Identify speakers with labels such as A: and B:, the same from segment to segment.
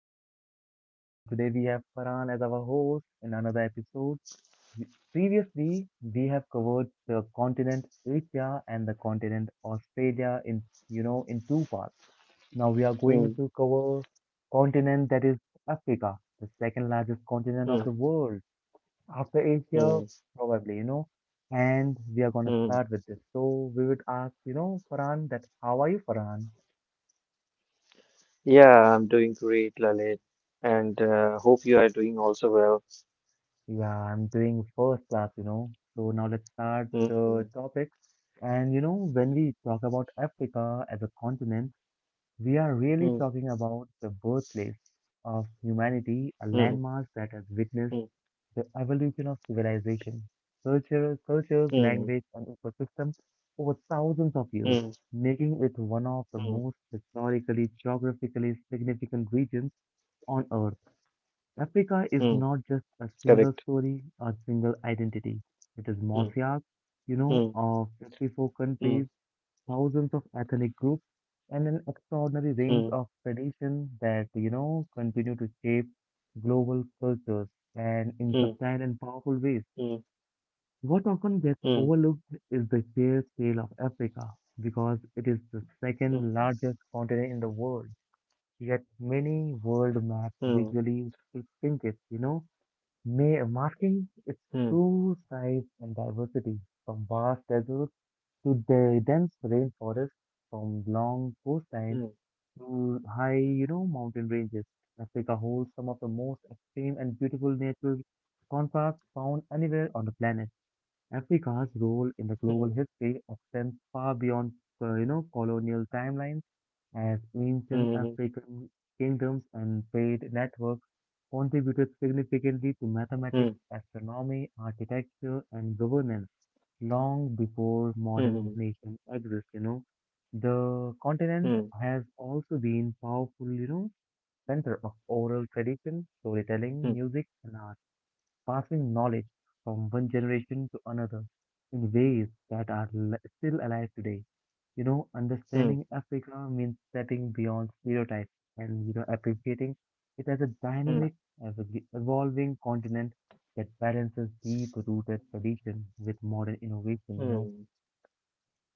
A: host Lalit, and today we have Farhan as our host in another episode. Previously, we have covered the continent Asia and the continent Australia in you know in two parts. Now we are going to
B: Mm,
A: cover continent that is Africa, the second largest continent
B: mm,
A: of the world after Asia,
B: mm,
A: probably. And we are gonna
B: mm.
A: start with this. So we would ask Farhan that how are you, Farhan?
B: Yeah, I'm doing great, Lalit, and hope you are doing also well.
A: Yeah, I'm doing first class. So now let's start the
B: Mm,
A: topic. And when we talk about Africa as a continent, we are really
B: mm,
A: talking about the birthplace of
B: mm,
A: humanity, a landmass that has
B: mm,
A: witnessed the evolution of civilization, culture, cultures,
B: mm,
A: language, and ecosystem over thousands of
B: mm,
A: years, making it one of
B: mm,
A: the
B: mm,
A: most historically, geographically significant regions on Earth.
B: mm.
A: Africa is
B: Correct.
A: not just a single story or single identity.
B: Mm,
A: It is mosaic,
B: mm,
A: of
B: mm,
A: 54 countries, thousands of ethnic groups, and an extraordinary
B: mm,
A: range of traditions that continue to shape global
B: mm,
A: cultures and in subtle and
B: mm,
A: powerful ways. What
B: mm,
A: often gets overlooked is the sheer scale of Africa because it is the
B: mm,
A: second largest continent in the world. Yet
B: mm,
A: many world maps visually distinct it,
B: mm,
A: Masking its true size and diversity, from vast deserts to the dense rainforests, from long
B: mm,
A: coastlines to high, mountain ranges. Africa holds some of the most extreme and beautiful natural contrasts found anywhere on the planet. Africa's role in
B: mm,
A: the global history extends far beyond, colonial timelines as ancient
B: mm,
A: African kingdoms and trade networks contributed
B: mm, mm,
A: significantly to mathematics, astronomy, architecture, and governance long before
B: mm,
A: modern nations exist. The
B: mm, mm,
A: continent has also been powerful, center of
B: mm,
A: oral tradition, storytelling, music, and art passing knowledge from one generation to another in ways that are still alive today. You know,
B: mm,
A: understanding Africa means stepping beyond stereotypes and, appreciating
B: mm,
A: it as a dynamic, as a evolving continent that balances deep-rooted tradition with modern innovation.
B: mm.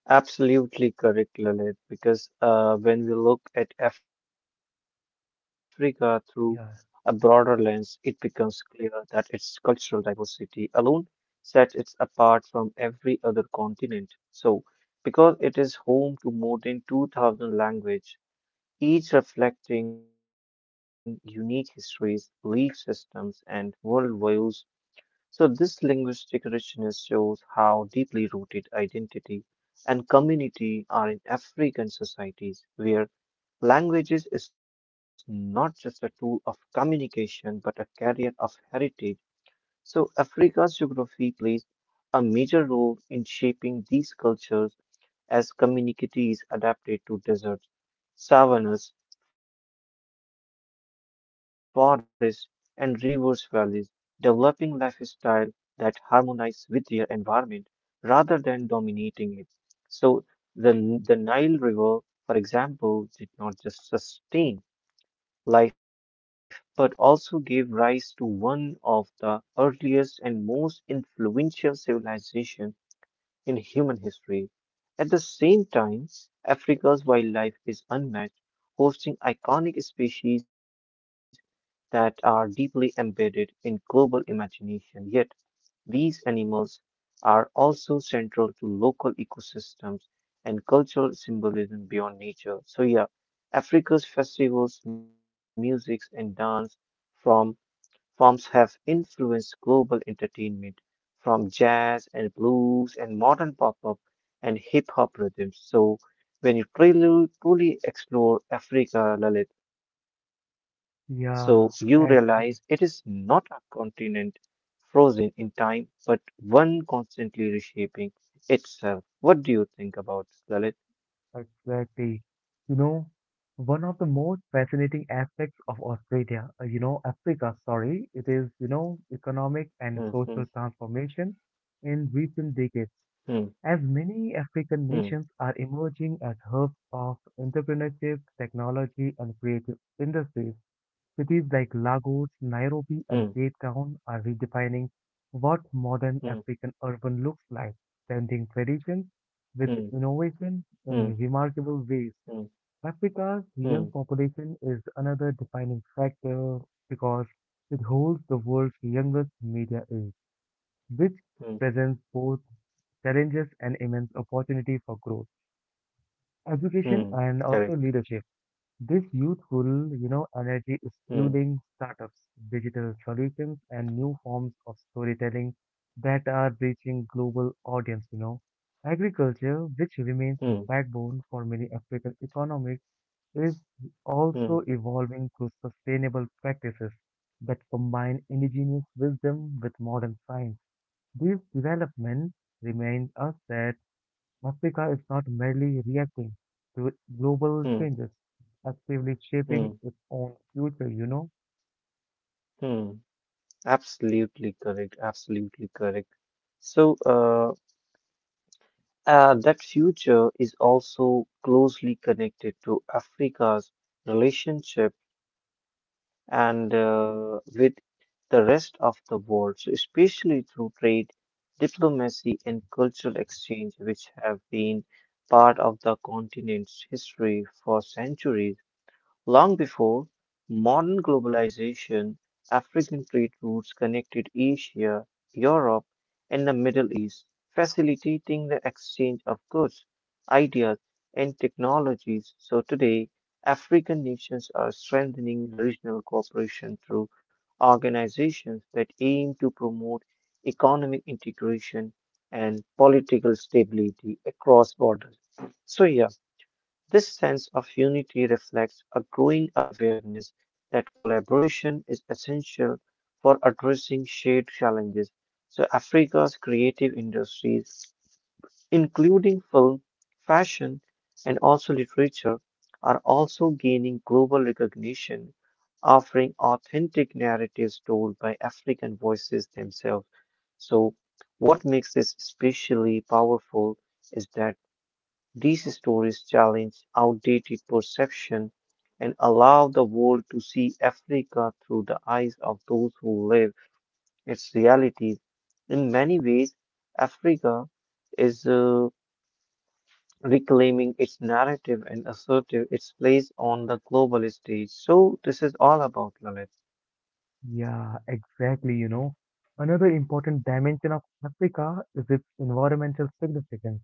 B: Absolutely correct, Lalit, because when we look at Africa through a broader lens,
A: Yeah,
B: it becomes clear that its cultural diversity alone sets it apart from every other continent. So, because it is home to more than 2,000 languages, each reflecting unique histories, belief systems, and worldviews. So, this linguistic richness shows how deeply rooted identity and community are in African societies, where languages is not just a tool of communication but a carrier of heritage. So, Africa's geography plays a major role in shaping these cultures as communities adapted to deserts, savannas, forests, and rivers valleys, developing lifestyle that harmonize with their environment rather than dominating it. So the Nile River, for example, did not just sustain life but also gave rise to one of the earliest and most influential civilizations in human history. At the same time, Africa's wildlife is unmatched, hosting iconic species that are deeply embedded in global imagination. Yet, these animals are also central to local ecosystems and cultural symbolism beyond nature. So, yeah, Africa's festivals, music, and dance from forms have influenced global entertainment, from jazz and blues and modern pop up and hip hop rhythms. So, when you truly, truly explore Africa, Lalit, so you realize it is
A: yeah,
B: not a
A: actually.
B: continent frozen in time, but one constantly reshaping itself. What do you think about Lalit?
A: Exactly. You know, one of the most fascinating aspects of Australia, Africa, sorry, it is,
B: Hmm, hmm,
A: economic and social transformation in recent decades, as many
B: hmm,
A: African nations are emerging as hubs of entrepreneurship, technology, and creative industries. Cities like
B: hmm,
A: Lagos, Nairobi, and Cape Town are redefining
B: hmm,
A: what modern African urban looks like, blending traditions
B: hmm,
A: with
B: hmm,
A: innovation
B: hmm,
A: in remarkable ways.
B: hmm,
A: Africa's
B: hmm,
A: young population is another defining factor because it holds the world's youngest media age,
B: hmm,
A: which presents both challenges and immense opportunity for growth,
B: hmm.
A: education, and also
B: Correct.
A: leadership. This youthful,
B: Hmm.
A: energy is fueling startups, digital solutions, and new forms of storytelling that are reaching global audience. Agriculture, which
B: Hmm.
A: remains the backbone for many African economies, is
B: Hmm.
A: also evolving through sustainable practices that combine indigenous wisdom with modern science. These developments remind us that Africa is not merely reacting to global
B: Hmm.
A: changes, it's actively
B: Hmm.
A: shaping its own future.
B: Mm. Absolutely correct. Absolutely correct. So, that future is also closely connected to Africa's relationship and with the rest of the world, so especially through trade, diplomacy, and cultural exchange, which have been part of the continent's history for centuries. Long before modern globalization, African trade routes connected Asia, Europe, and the Middle East, facilitating the exchange of goods, ideas, and technologies. So today, African nations are strengthening regional cooperation through organizations that aim to promote economic integration and political stability across borders. So, yeah. This sense of unity reflects a growing awareness that collaboration is essential for addressing shared challenges. So, Africa's creative industries, including film, fashion, and also literature, are also gaining global recognition, offering authentic narratives told by African voices themselves. So, what makes this especially powerful is that these stories challenge outdated perception and allow the world to see Africa through the eyes of those who live its realities. In many ways, Africa is reclaiming its narrative and assertive its place on the global stage. So this is all about Lalit.
A: Yeah, exactly. Another important dimension of Africa is its environmental significance,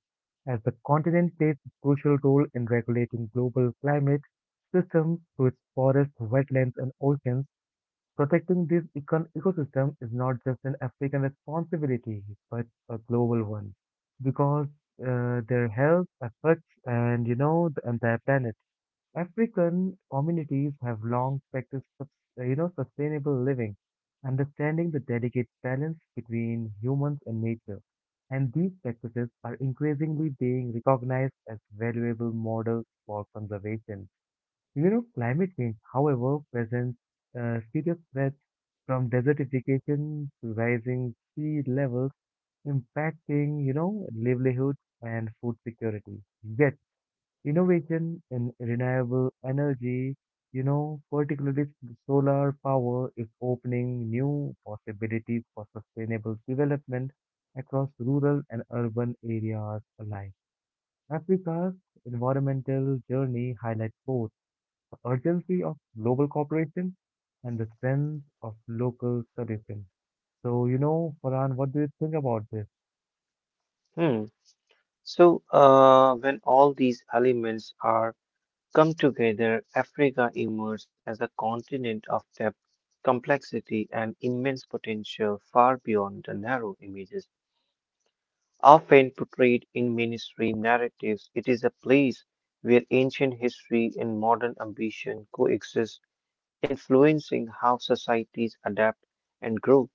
A: as the continent plays a crucial role in regulating global climate systems through its forests, wetlands, and oceans. Protecting this ecosystem is not just an African responsibility, but a global one, because their health affects and the entire planet. African communities have long practiced sustainable living, understanding the delicate balance between humans and nature, and these practices are increasingly being recognized as valuable models for conservation. You know, climate change, however, presents serious threats from desertification to rising sea levels, impacting, livelihoods and food security. Yet, innovation in renewable energy, particularly solar power, is opening new possibilities for sustainable development across rural and urban areas alike. Africa's environmental journey highlights both the urgency of global cooperation, and the strength of local solutions. So, Farhan, what do you think about this?
B: Hmm. So when all these elements are come together, Africa emerged as a continent of depth, complexity, and immense potential far beyond the narrow images often portrayed in mainstream narratives. It is a place where ancient history and modern ambition coexist, influencing how societies adapt and grow.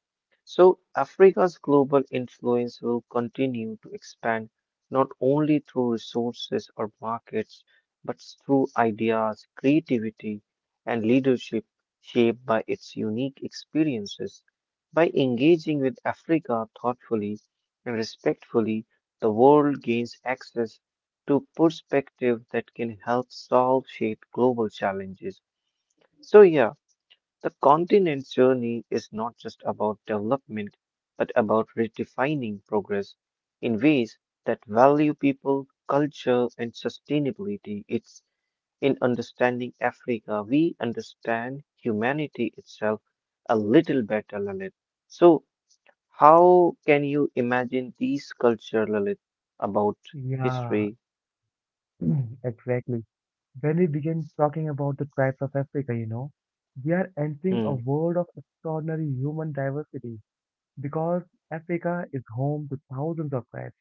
B: So, Africa's global influence will continue to expand not only through resources or markets, but through ideas, creativity, and leadership shaped by its unique experiences. By engaging with Africa thoughtfully and respectfully, the world gains access to perspective that can help solve shape global challenges. So yeah, the continent's journey is not just about development, but about redefining progress in ways that value people, culture, and sustainability. It's in understanding Africa, we understand humanity itself a little better, Lalit. So how can you imagine these culture, Lalit, about
A: Yeah,
B: history?
A: exactly. When we begin talking about the tribes of Africa, we are entering a
B: Hmm,
A: world of extraordinary human diversity because Africa is home to thousands of tribes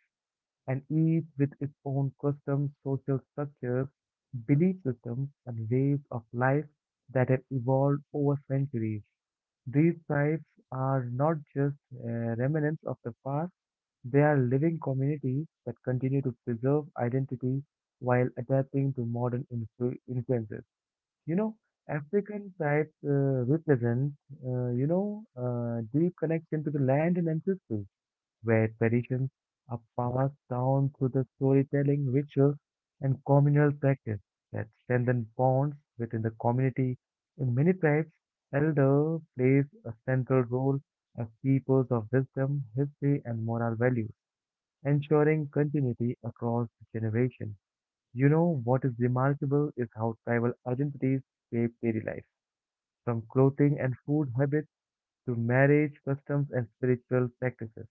A: and each with its own customs, social structures, belief systems, and ways of life that have evolved over centuries. These tribes are not just remnants of the past, they are living communities that continue to preserve identity while adapting to modern influences. You know, African tribes represent deep connection to the land and ancestry where traditions are passed down through the storytelling, rituals, and communal practice that strengthen bonds within the community. In many tribes, elder plays a central role as keepers of wisdom, history, and moral values, ensuring continuity across generations. You know what is remarkable is how tribal identities shape daily life, from clothing and food habits to marriage customs and spiritual practices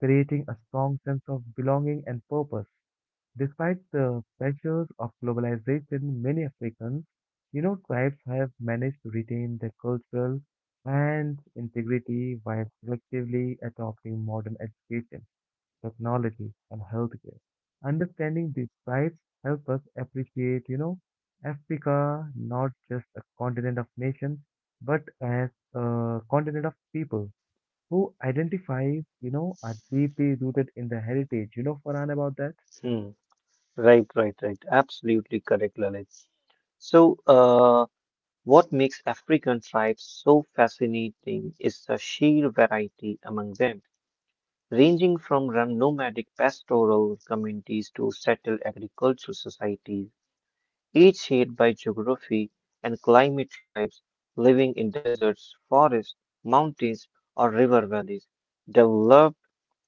A: creating a strong sense of belonging and purpose. Despite the pressures of globalization, many Africans, tribes have managed to retain their cultural and integrity while selectively adopting modern education, technology, and healthcare. Understanding these tribes help us appreciate, Africa not just a continent of nations, but as a continent of people who identifies, are deeply rooted in the heritage. You know, Farhan, about that?
B: hmm. Right, right, right. Absolutely correct, Lalit. So, what makes African tribes so fascinating is the sheer variety among them, ranging from nomadic pastoral communities to settled agricultural societies, each shaped by geography and climate. Tribes living in deserts, forests, mountains, or river valleys developed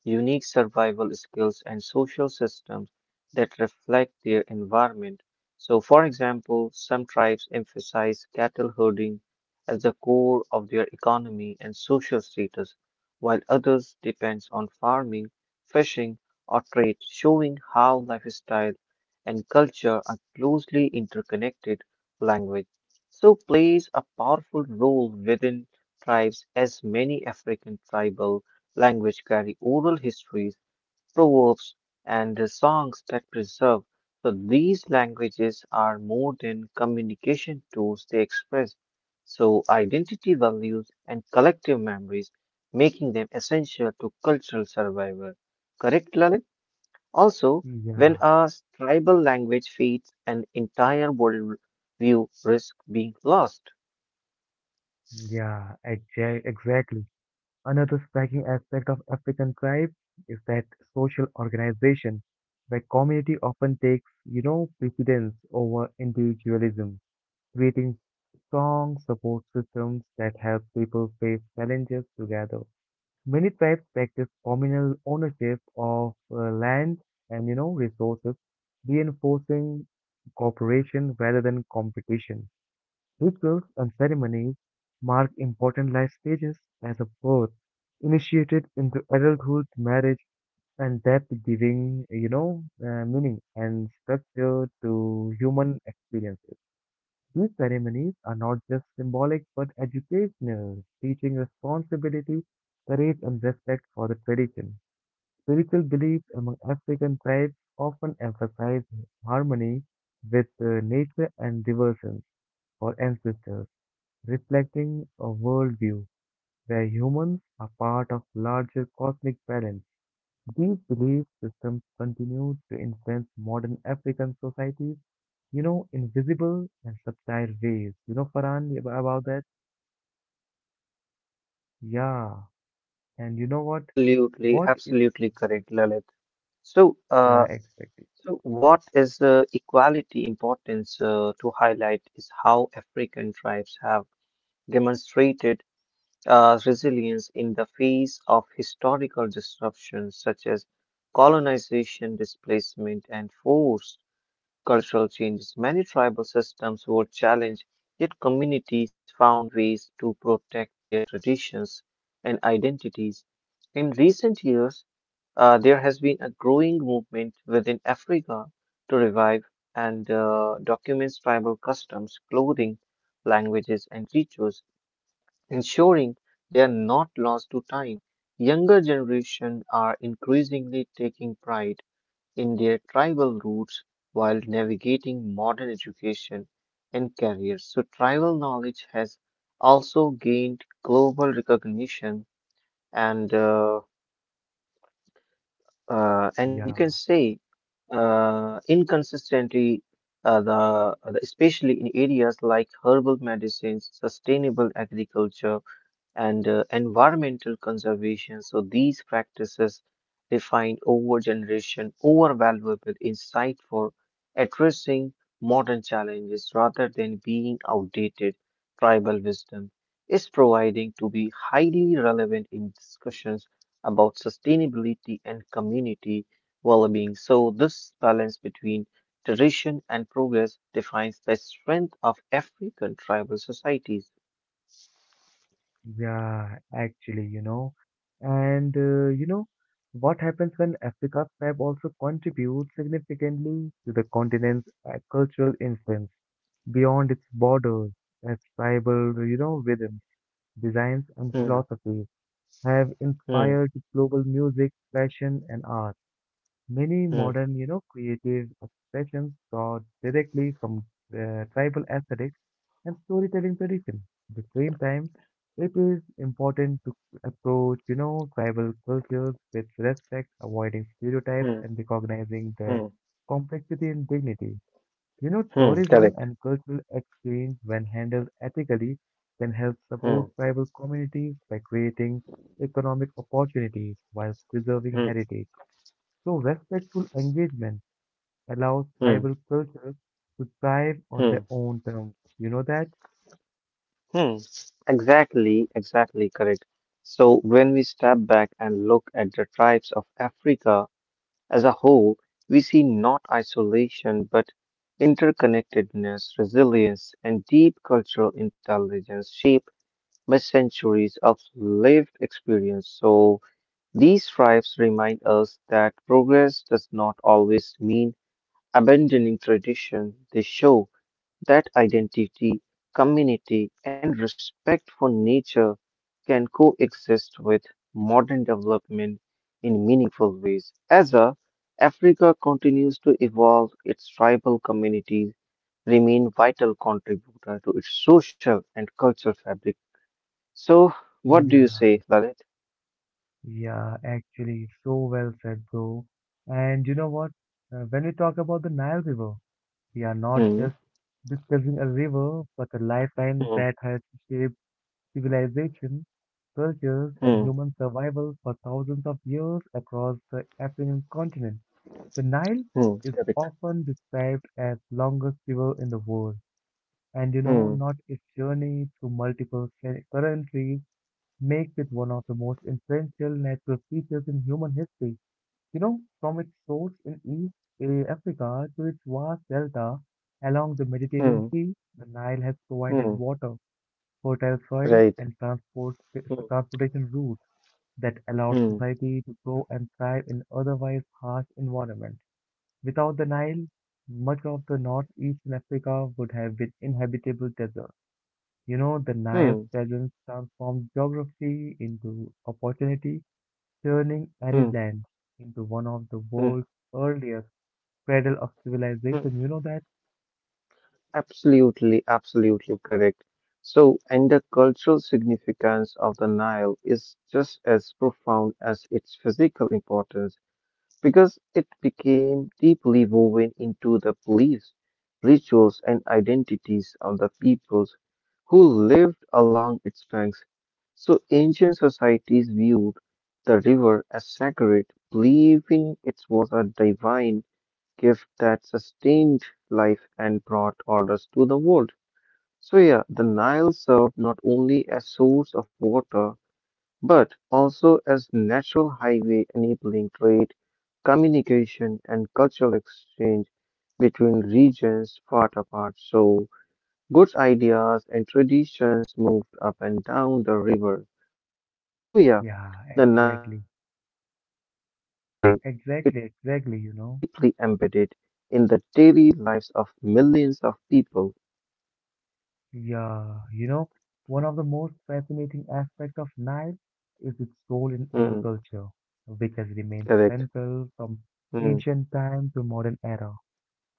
B: unique survival skills and social systems that reflect their environment. So, for example, some tribes emphasize cattle herding as the core of their economy and social status, while others depend on farming, fishing, or trade, showing how lifestyle and culture are closely interconnected. Language, so, plays a powerful role within tribes as many African tribal language carry oral histories, proverbs, and the songs that preserve. So these languages are more than communication tools, they express so identity values and collective memories, making them essential to cultural survival. Correct, Lalit? Also, when
A: Yeah,
B: a tribal language feeds an entire worldview, risk being lost.
A: exactly. Another striking aspect of African tribes is that social organization, where community often takes, precedence over individualism, creating strong support systems that help people face challenges together. Many tribes practice communal ownership of land and resources, reinforcing cooperation rather than competition. Rituals and ceremonies mark important life stages as a birth, initiated into adulthood, marriage, and death, giving meaning and structure to human experiences. These ceremonies are not just symbolic but educational, teaching responsibility, courage, and respect for the tradition. Spiritual beliefs among African tribes often emphasize harmony with nature and devotion for ancestors, reflecting a worldview where humans are part of larger cosmic balance. These belief systems continue to influence modern African societies invisible and subtle ways. You know, Farhan, about that? Yeah. And you know what?
B: Absolutely,
A: What is
B: absolutely correct, Lalit. So,
A: yeah,
B: uh,
A: expected?
B: So, what is equality importance to highlight is how African tribes have demonstrated resilience in the face of historical disruptions such as colonization, displacement, and forced cultural changes. Many tribal systems were challenged, yet communities found ways to protect their traditions and identities. In recent years, there has been a growing movement within Africa to revive and documents tribal customs, clothing, languages, and rituals, ensuring they are not lost to time. Younger generations are increasingly taking pride in their tribal roots while navigating modern education and careers. So, tribal knowledge has also gained global recognition and uh, and you can
A: Yeah.
B: say inconsistently, the especially in areas like herbal medicines sustainable agriculture and environmental conservation. So these practices define over generation over valuable insight for addressing modern challenges. Rather than being outdated tribal wisdom, is providing to be highly relevant in discussions about sustainability and community well-being. So this balance between tradition and progress defines the strength of African tribal societies.
A: Yeah, actually. And, what happens when Africa's fab also contributes significantly to the continent's cultural influence beyond its borders, as tribal, rhythms, designs, and
B: Hmm,
A: philosophies have
B: hmm,
A: inspired global music, fashion, and art. Many
B: hmm.
A: modern, creative expressions draw directly from tribal aesthetics and storytelling tradition. At the same time, it is important to approach, tribal cultures with respect, avoiding stereotypes
B: Hmm,
A: and recognizing their
B: hmm,
A: complexity and dignity. You know,
B: hmm,
A: tourism
B: correct.
A: and cultural exchange, when handled ethically, can help
B: Hmm,
A: support tribal communities by creating economic opportunities while preserving
B: hmm,
A: heritage. So respectful engagement allows
B: hmm,
A: tribal cultures to thrive on
B: hmm,
A: their own terms. You know that?
B: hmm. Exactly, exactly correct. So when we step back and look at the tribes of Africa as a whole, we see not isolation but interconnectedness, resilience, and deep cultural intelligence shaped by centuries of lived experience. So these tribes remind us that progress does not always mean abandoning tradition. They show that identity, community, and respect for nature can coexist with modern development in meaningful ways. Africa continues to evolve, its tribal communities remain vital contributor to its social and cultural fabric. So, what do you
A: Yeah,
B: say, Lalit?
A: yeah, actually, so well said, bro. And you know what? When we talk about the Nile River, we are not just
B: Hmm,
A: discussing a river, but a lifeline that
B: hmm,
A: has shaped civilization, cultures, and
B: hmm,
A: human survival for thousands of years across the African continent. The Nile
B: hmm,
A: is
B: correct.
A: often described as longest river in the world and
B: Hmm,
A: not its journey through multiple currently makes it one of the most influential natural features in human history. You know, from its source in East Africa to its vast delta along the Mediterranean
B: hmm,
A: Sea, the Nile has provided
B: hmm,
A: water, fertile soil,
B: right.
A: and
B: Hmm,
A: transportation routes that allowed
B: hmm,
A: society to grow and thrive in otherwise harsh environment. Without the Nile, much of the northeastern Africa would have been inhabitable desert the Naya's
B: hmm,
A: presence transformed geography into opportunity, turning
B: hmm,
A: arid lands into one of the
B: hmm.
A: world's earliest cradle of civilization. You know that?
B: Absolutely, absolutely correct. So, and the cultural significance of the Nile is just as profound as its physical importance because it became deeply woven into the beliefs, rituals, and identities of the peoples who lived along its banks. So ancient societies viewed the river as sacred, believing it was a divine gift that sustained life and brought orders to the world. So yeah, the Nile served not only as source of water but also as natural highway enabling trade, communication and cultural exchange between regions far apart. So goods ideas and traditions moved up and down the river. So yeah,
A: Yeah,
B: the Nile
A: exactly.
B: is not just part of history, it
A: Exactly,
B: remains
A: exactly, you know.
B: deeply embedded in the daily lives of millions of people.
A: Yeah, one of the most fascinating aspects of Nile is its role in
B: Hmm,
A: agriculture, which has remained
B: correct.
A: central from
B: Hmm,
A: ancient time to modern era.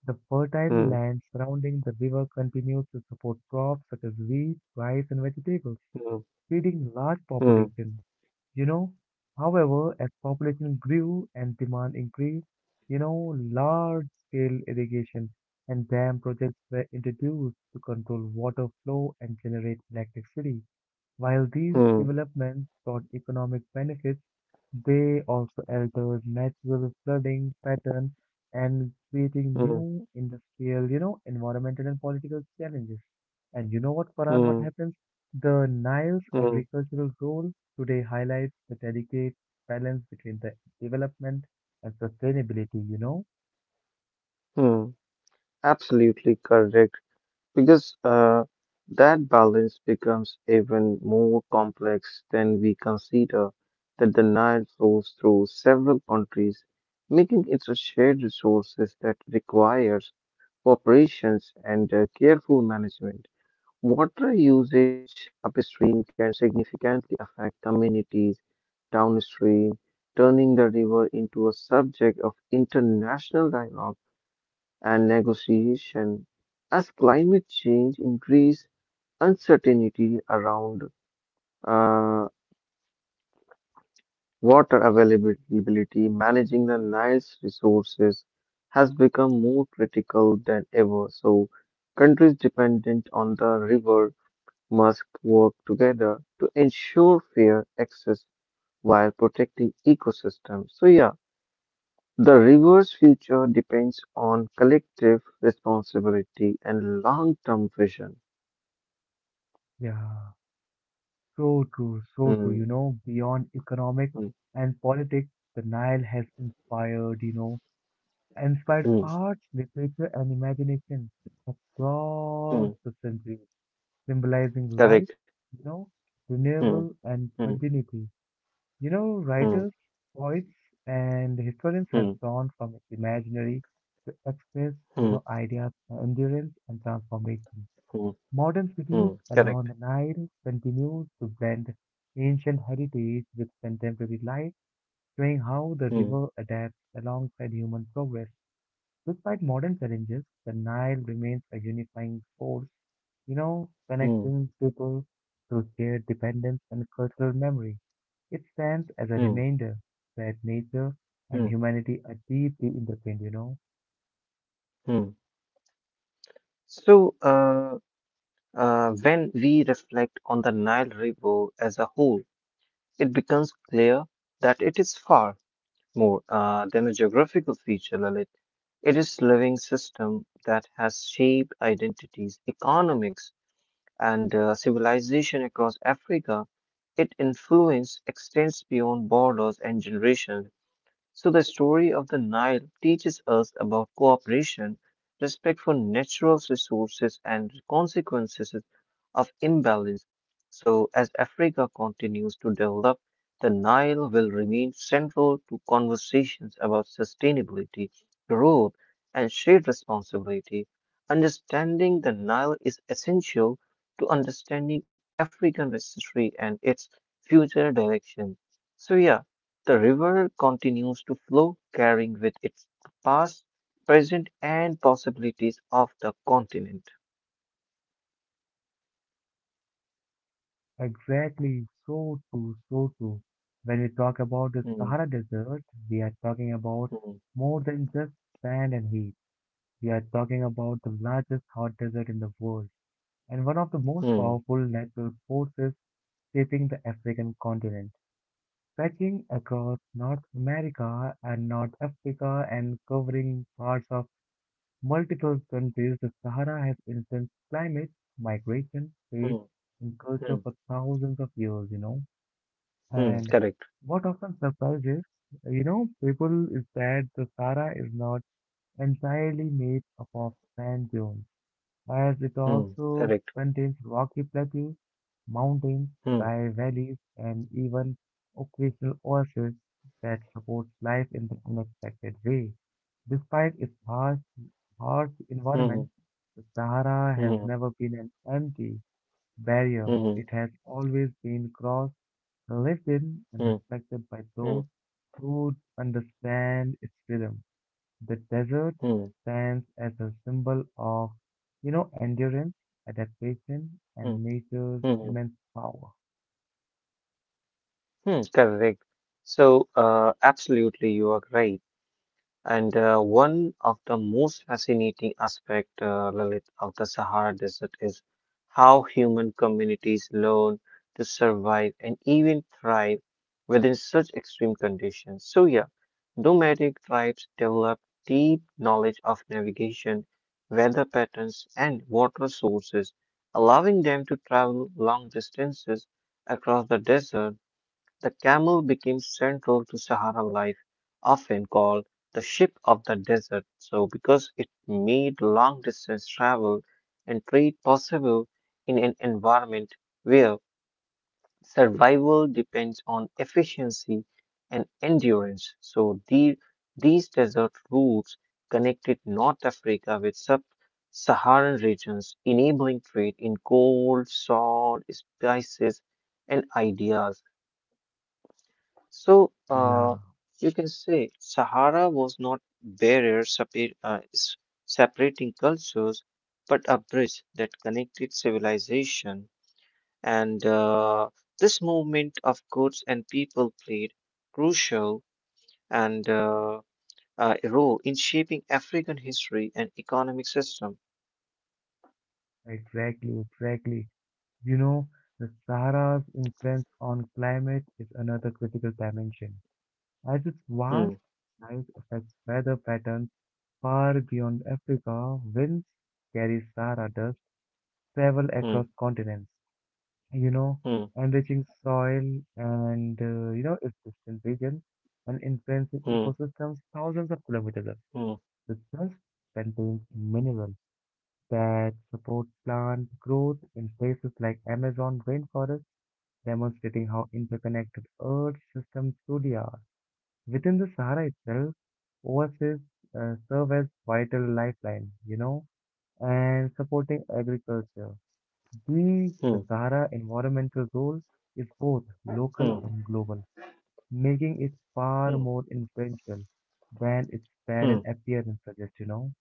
A: The fertile
B: hmm,
A: land surrounding the river continues to support crops such as wheat, rice, and vegetables,
B: hmm,
A: feeding large
B: hmm,
A: population. You know, however, as population grew and demand increased, large-scale irrigation and dam projects were introduced to control water flow and generate electricity. While these
B: hmm,
A: developments brought economic benefits, they also altered natural flooding pattern and creating
B: hmm,
A: new industrial, environmental and political challenges. And you know what, Farhan, what
B: hmm,
A: happens? The Nile's
B: hmm,
A: agricultural role today highlights the delicate balance between the development and sustainability.
B: hmm. Absolutely correct, because that balance becomes even more complex than we consider that the Nile flows through several countries, making it a shared resource that requires cooperation and careful management. Water usage upstream can significantly affect communities downstream, turning the river into a subject of international dialogue and negotiation. As climate change increase uncertainty around uh, water availability, managing the Nile's resources has become more critical than ever. So countries dependent on the river must work together to ensure fair access while protecting ecosystems. So yeah, the river's future depends on collective responsibility and long-term vision.
A: Yeah, so true,
B: Mm,
A: beyond economic
B: mm,
A: and politics, the Nile has inspired, inspired
B: mm,
A: arts, literature, and imagination across
B: mm,
A: the centuries, symbolizing life,
B: correct.
A: you know,
B: Mm,
A: renewal, and
B: mm,
A: continuity. You know,
B: mm,
A: writers, poets, and historians have
B: mm,
A: drawn from its imaginary to express,
B: mm,
A: ideas of endurance and transformation.
B: mm,
A: Modern cities
B: mm, correct.
A: along the Nile continue to blend ancient heritage with contemporary life, showing how the
B: Mm,
A: river adapts alongside human progress. Despite modern challenges, the Nile remains a unifying force,
B: mm,
A: connecting people through shared dependence and cultural memory. It stands as a
B: mm,
A: reminder that nature and
B: mm,
A: humanity are deeply intertwined.
B: mm. So, uh, when we reflect on the Nile River as a whole, it becomes clear that it is far more than a geographical feature, Lalit. It is living system that has shaped identities, economics, and civilization across Africa. Its influence extends beyond borders and generations. So, the story of the Nile teaches us about cooperation, respect for natural resources, and consequences of imbalance. So, as Africa continues to develop, the Nile will remain central to conversations about sustainability, growth, and shared responsibility. Understanding the Nile is essential to understanding African history and its future direction. So, yeah. The river continues to flow, carrying with its past, present, and possibilities of the continent.
A: Exactly, so true, so true. When we talk about the
B: Hmm,
A: Sahara Desert, we are talking about
B: hmm,
A: more than just sand and heat. We are talking about the largest hot desert in the world and one of the most
B: hmm,
A: powerful natural forces sweeping the African continent, stretching across North America and North Africa and covering parts of multiple countries. The Sahara has influenced climate, migration, faith,
B: hmm,
A: and culture for
B: hmm,
A: thousands of years.
B: hmm,
A: And
B: correct.
A: what often surprises people is that the Sahara is not entirely made up of sand dunes as it
B: Hmm,
A: also
B: correct.
A: contains rocky plateaus, mountains,
B: Hmm,
A: dry valleys, and even occasional oases that supports life in the unexpected way. Despite its harsh environment,
B: hmm,
A: the Sahara has
B: hmm,
A: never been an empty barrier. It
B: hmm,
A: has always been crossed, lived in, and
B: hmm, hmm,
A: respected by those
B: hmm,
A: who understand its rhythm. The desert
B: hmm,
A: stands as a symbol of endurance, adaptation, and
B: hmm,
A: nature's
B: hmm, hmm,
A: immense power.
B: hmm, correct. So, absolutely, you are right. And one of the most fascinating aspect, Lalit, of the Sahara Desert is how human communities learn to survive and even thrive within such extreme conditions. So yeah, nomadic tribes develop deep knowledge of navigation, weather patterns, and water sources, allowing them to travel long distances across the desert. The camel became central to Saharan life, often called the ship of the desert. So, because it made long distance travel and trade possible in an environment where survival depends on efficiency and endurance. So, these desert routes connected North Africa with sub Saharan regions, enabling trade in gold, salt, spices, and ideas. So,
A: Yeah,
B: you can say Sahara was not barrier separating cultures, but a bridge that connected civilization. And this movement of goods and people played crucial and role in shaping African history and economic system.
A: exactly, exactly. You know, the Sahara's influence on climate is another critical dimension, as its
B: Hmm,
A: vast size affects weather patterns far beyond Africa. Winds carry Sahara dust, travel
B: hmm,
A: across continents, you know,
B: hmm,
A: enriching soil and its distant regions and influences
B: hmm,
A: ecosystems thousands of kilometers away.
B: hmm,
A: The dust contains minerals that support plant growth in places like Amazon rainforest, demonstrating how interconnected Earth systems truly are. Within the Sahara itself, oases serve as vital lifelines, and supporting agriculture. The
B: hmm,
A: Sahara environmental role is both local
B: hmm,
A: and global, making it far
B: hmm,
A: more influential than its
B: hmm.
A: barren appearance suggests.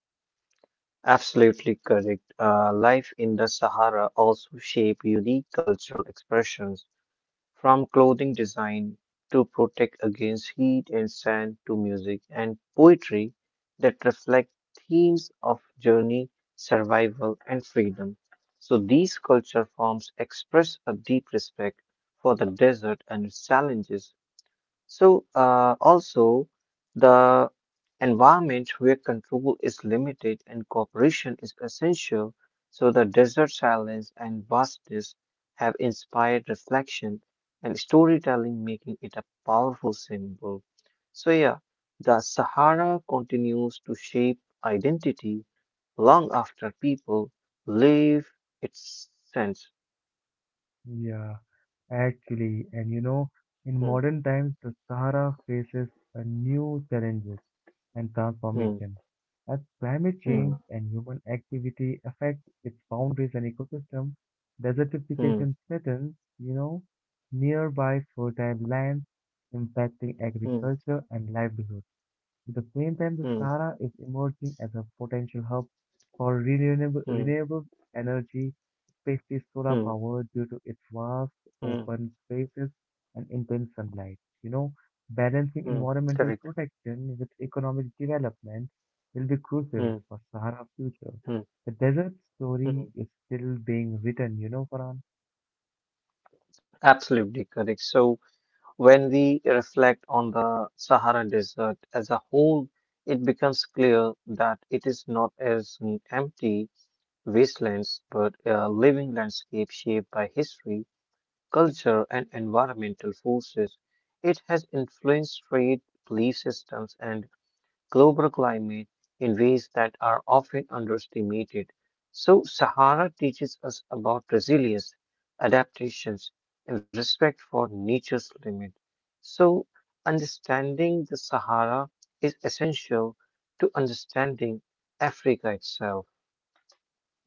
B: Absolutely correct. Life in the Sahara also shape unique cultural expressions, from clothing design to protect against heat and sand to music and poetry that reflect themes of journey, survival, and freedom. So these culture forms express a deep respect for the desert and its challenges, so, also, the environment where control is limited and cooperation is essential. So, the desert silence and vastness have inspired reflection and storytelling, making it a powerful symbol. So, yeah, the Sahara continues to shape identity long after people leave its sense.
A: Yeah, actually, and in
B: Hmm,
A: modern times, the Sahara faces a new challenge and
B: hmm,
A: transformation. As climate change
B: hmm,
A: and human activity affect its boundaries and ecosystem, desertification
B: hmm,
A: threatens, you know, nearby fertile lands, impacting
B: hmm,
A: agriculture and livelihoods. At the same time, the
B: hmm,
A: Sahara is emerging as a potential hub for renewable,
B: hmm,
A: renewable energy, especially solar
B: hmm,
A: power, due to its vast
B: hmm.
A: open spaces and intense sunlight. Balancing
B: Mm,
A: environmental
B: correct.
A: protection with economic development will be crucial
B: Mm,
A: for Sahara's future.
B: mm,
A: The desert story
B: mm.
A: is still being written, Farhan.
B: Absolutely correct. So when we reflect on the Sahara Desert as a whole, it becomes clear that it is not as an empty wastelands, but a living landscape shaped by history, culture, and environmental forces. It has influenced trade, belief systems, and global climate in ways that are often underestimated. So, Sahara teaches us about resilience, adaptations, and respect for nature's limit. So, understanding the Sahara is essential to understanding Africa itself.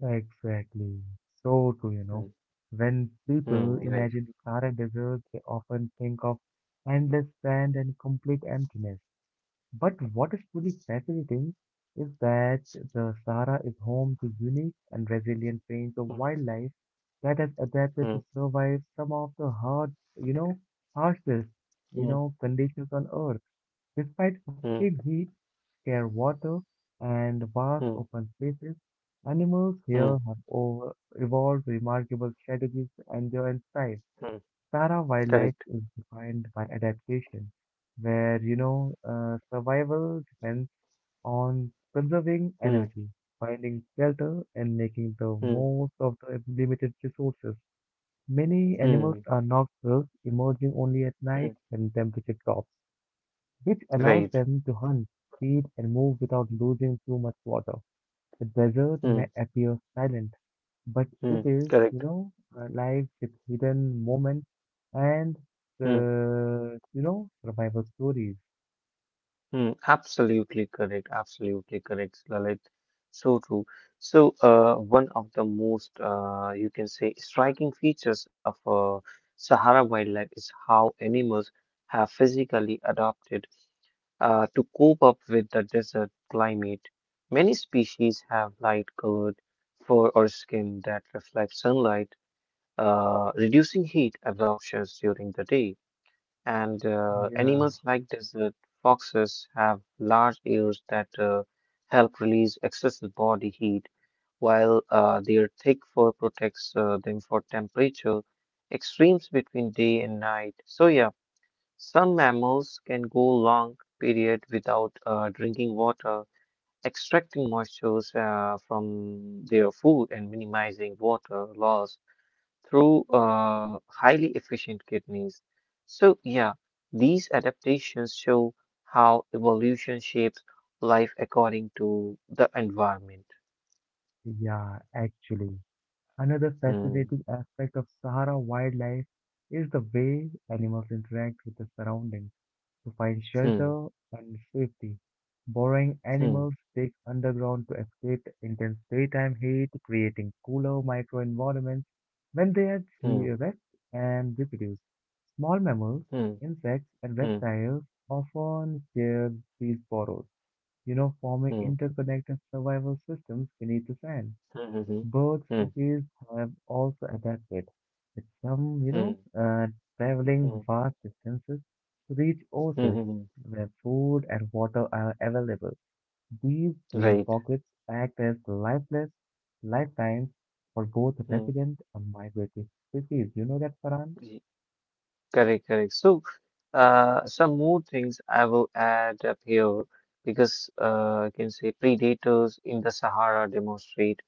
A: Exactly. So true,
B: Mm,
A: When people
B: mm, right.
A: imagine the Sahara Desert, they often think of endless sand and complete emptiness. But what is truly fascinating is that the Sahara is home to unique and resilient range of
B: Mm,
A: wildlife that has adapted to
B: mm,
A: survive some of the hard, you know, harshest, you
B: mm,
A: know, conditions on Earth. Despite
B: mm,
A: extreme heat, clear water, and vast
B: mm,
A: open spaces, animals
B: mm,
A: here have over evolved remarkable strategies to endure and thrive.
B: mm,
A: Para wildlife
B: correct.
A: is defined by adaptation, where survival depends on conserving
B: Mm,
A: energy, finding shelter, and making the
B: mm,
A: most of the limited resources. Many animals
B: mm,
A: are nocturnal, emerging only at night
B: mm,
A: when temperature drops, which allows
B: right.
A: them to hunt, feed, and move without losing too much water. The desert may
B: Mm,
A: appear silent, but it
B: mm,
A: is, you
B: correct.
A: know, alive with hidden moments and,
B: Hmm.
A: uh, you know, survival stories.
B: Hmm, absolutely correct. Absolutely correct, Lalit. So true. So, one of the most, you can say, striking features of Sahara wildlife is how animals have physically adapted to cope up with the desert climate. Many species have light-colored fur or skin that reflects sunlight, reducing heat absorptions during the day. And
A: Yeah.
B: animals like desert foxes have large ears that help release excess body heat, while their thick fur protects them for temperature extremes between day and night. So, yeah, some mammals can go long period without drinking water, extracting moisture from their food and minimizing water loss through highly efficient kidneys. So, yeah, these adaptations show how evolution shapes life according to the environment.
A: Yeah, actually. Another
B: Hmm,
A: fascinating aspect of Sahara wildlife is the way animals interact with the surroundings, to find
B: hmm,
A: shelter and safety. Burrowing
B: hmm,
A: animals dig underground to escape the intense daytime heat, creating cooler microenvironments when they are
B: hmm,
A: rest and reproduce. Small mammals,
B: hmm,
A: insects, and
B: hmm,
A: reptiles often share these burrows, forming
B: hmm,
A: interconnected survival systems beneath the sand.
B: hmm, hmm,
A: Bird
B: hmm,
A: species have also adapted, with some, you know,
B: hmm,
A: uh, traveling
B: hmm,
A: vast distances to reach
B: hmm,
A: oases
B: hmm.
A: where food and water are available. These green
B: Right.
A: pockets act as lifeless lifelines for both
B: Hmm.
A: resident and migratory species. You know that, Farhan?
B: Y- Correct, correct. So, some more things I will add up here because I can say predators in the Sahara demonstrate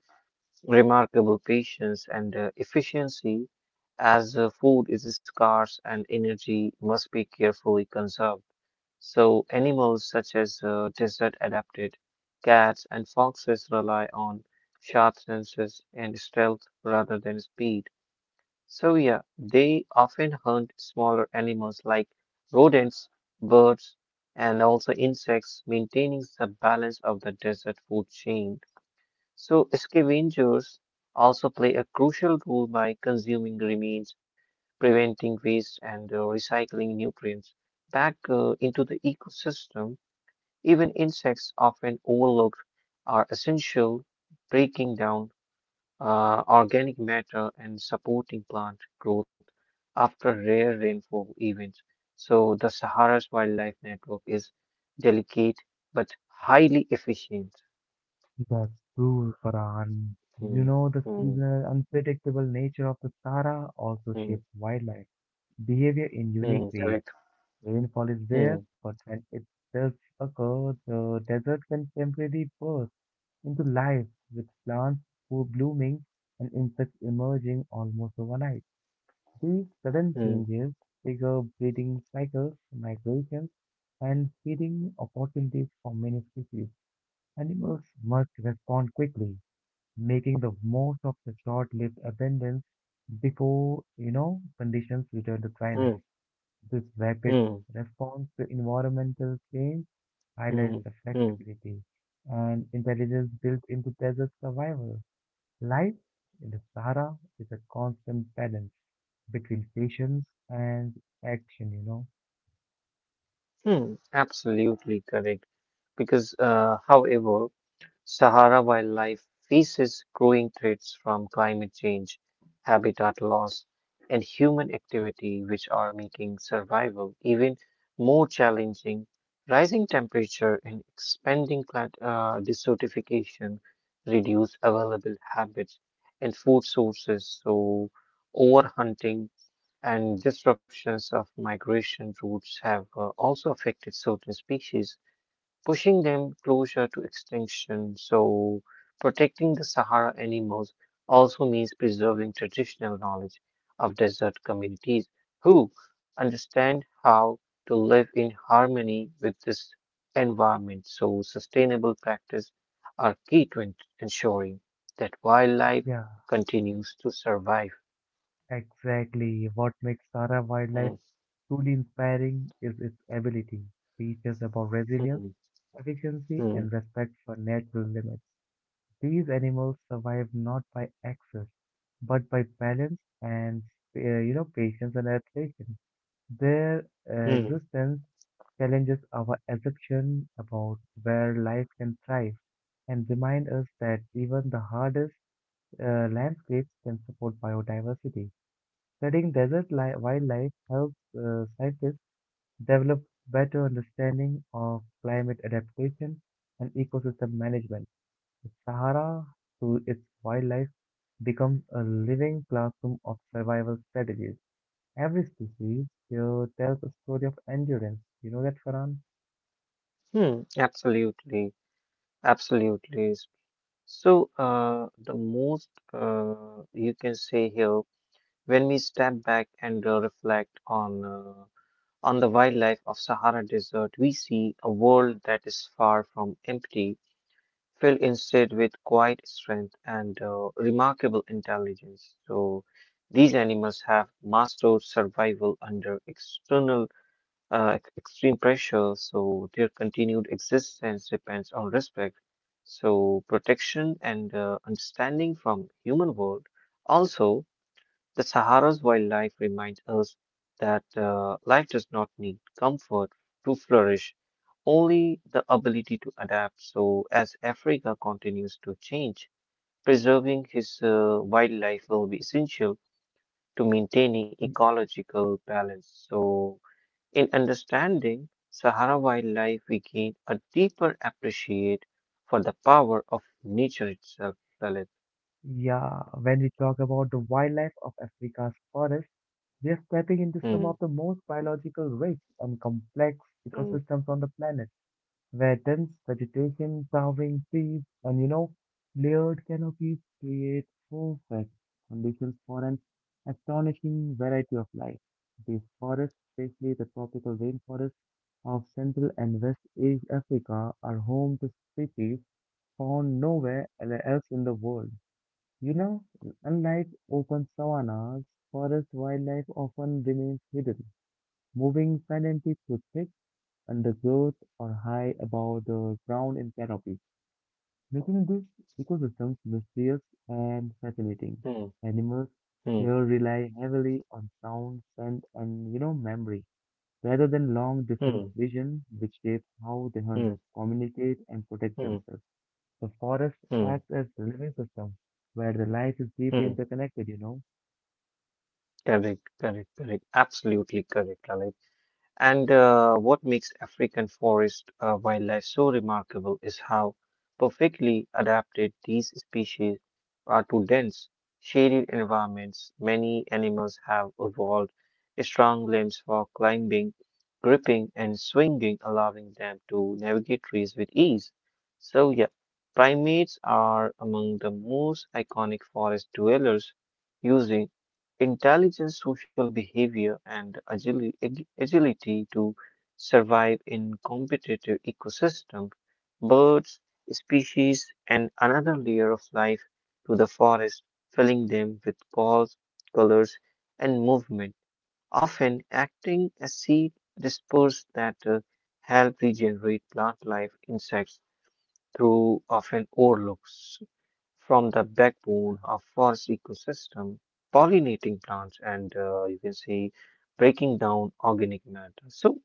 B: remarkable patience and efficiency as food is scarce and energy must be carefully conserved. So, animals such as desert adapted cats and foxes rely on sharp senses and stealth rather than speed. So, yeah, they often hunt smaller animals like rodents, birds, and also insects, maintaining the balance of the desert food chain. So, scavengers also play a crucial role by consuming remains, preventing waste, and recycling nutrients back into the ecosystem. Even insects, often overlooked, are essential, breaking down organic matter and supporting plant growth after rare rainfall events. So, the Sahara's wildlife network is delicate but highly efficient.
A: That's true, Farhan. You
B: Hmm,
A: know, the
B: hmm,
A: seasonal unpredictable nature of the Sahara also shapes
B: hmm,
A: wildlife behavior in unique
B: hmm,
A: ways.
B: correct.
A: Rainfall is rare,
B: Mm,
A: but when it does occur, the desert can temporarily burst into life with plants full blooming and insects emerging almost overnight. These sudden
B: mm,
A: changes trigger breeding cycles, migrations, and feeding opportunities for many species. Animals must respond quickly, making the most of the short-lived abundance before conditions return to dryness.
B: mm,
A: This rapid
B: mm,
A: response to environmental change highlights
B: mm,
A: the
B: mm,
A: flexibility and intelligence built into desert survival. Life in the Sahara is a constant balance between patience and action.
B: mm. Absolutely correct. Because, however, Sahara wildlife faces growing threats from climate change, habitat loss, and human activity, which are making survival even more challenging. Rising temperature and expanding climate, desertification reduce available habits and food sources, so overhunting and disruptions of migration routes have also affected certain species, pushing them closer to extinction. So, protecting the Sahara animals also means preserving traditional knowledge of desert communities who understand how to live in harmony with this environment. So, sustainable practice are key to ensuring that wildlife
A: Yeah,
B: continues to survive.
A: exactly. What makes Sahara wildlife truly inspiring is its ability to teach us about resilience,
B: Mhm,
A: efficiency,
B: mhm,
A: and respect for natural limits. These animals survive not by access, but by balance and patience and adaptation. Their existence challenges our assumption about where life can thrive and remind us that even the hardest landscapes can support biodiversity. Studying wildlife helps scientists develop better understanding of climate adaptation and ecosystem management. The Sahara, through its wildlife, becomes a living classroom of survival strategies. Every species here tells a story of endurance. You know that, Farhan?
B: hmm, absolutely, absolutely. So, the most you can say here, when we step back and reflect on the wildlife of Sahara Desert, we see a world that is far from empty, filled instead with quiet strength and remarkable intelligence. So, these animals have mastered survival under external extreme pressure, so their continued existence depends on respect. So protection and understanding from human world. Also, the Sahara's wildlife reminds us that life does not need comfort to flourish, only the ability to adapt. So as Africa continues to change, preserving his wildlife will be essential to maintaining
A: Y-
B: ecological balance. So in understanding Sahara wildlife, we gain a deeper appreciate for the power of nature itself, Lalit.
A: Yeah, when we talk about the wildlife of Africa's forests, we are stepping into
B: Hmm,
A: some of the most biological rich and complex
B: hmm,
A: ecosystems on the planet, where dense vegetation, towering trees, and layered canopies create perfect conditions for an astonishing variety of life. These forests, especially the tropical rainforests of Central and West East Africa, are home to species found nowhere else in the world. You know, unlike open savannas, forest wildlife often remains hidden, moving silently through thick undergrowth or high above the ground in canopy, making these ecosystems mysterious and fascinating.
B: hmm,
A: Animals
B: hmm,
A: here rely heavily on sound, scent, and memory rather than long distance
B: hmm,
A: vision, which shapes how they
B: hmm,
A: hunt, communicate, and protect
B: hmm,
A: themselves. The forest
B: hmm,
A: acts as a living system where the life is deeply
B: hmm.
A: interconnected. You know,
B: Correct, correct, correct. Absolutely correct, Lalit. And what makes African forest wildlife so remarkable is how perfectly adapted these species are to dense, shaded environments. Many animals have evolved strong limbs for climbing, gripping, and swinging, allowing them to navigate trees with ease. So, yeah, primates are among the most iconic forest dwellers, using intelligence, social behavior, and agility to survive in competitive ecosystem. Birds, species, and another layer of life to the forest, filling them with calls, colors, and movement, often acting as seed dispersed that help regenerate plant life. Insects through often overlooks from the backbone of forest ecosystem, pollinating plants and you can say breaking down organic matter. So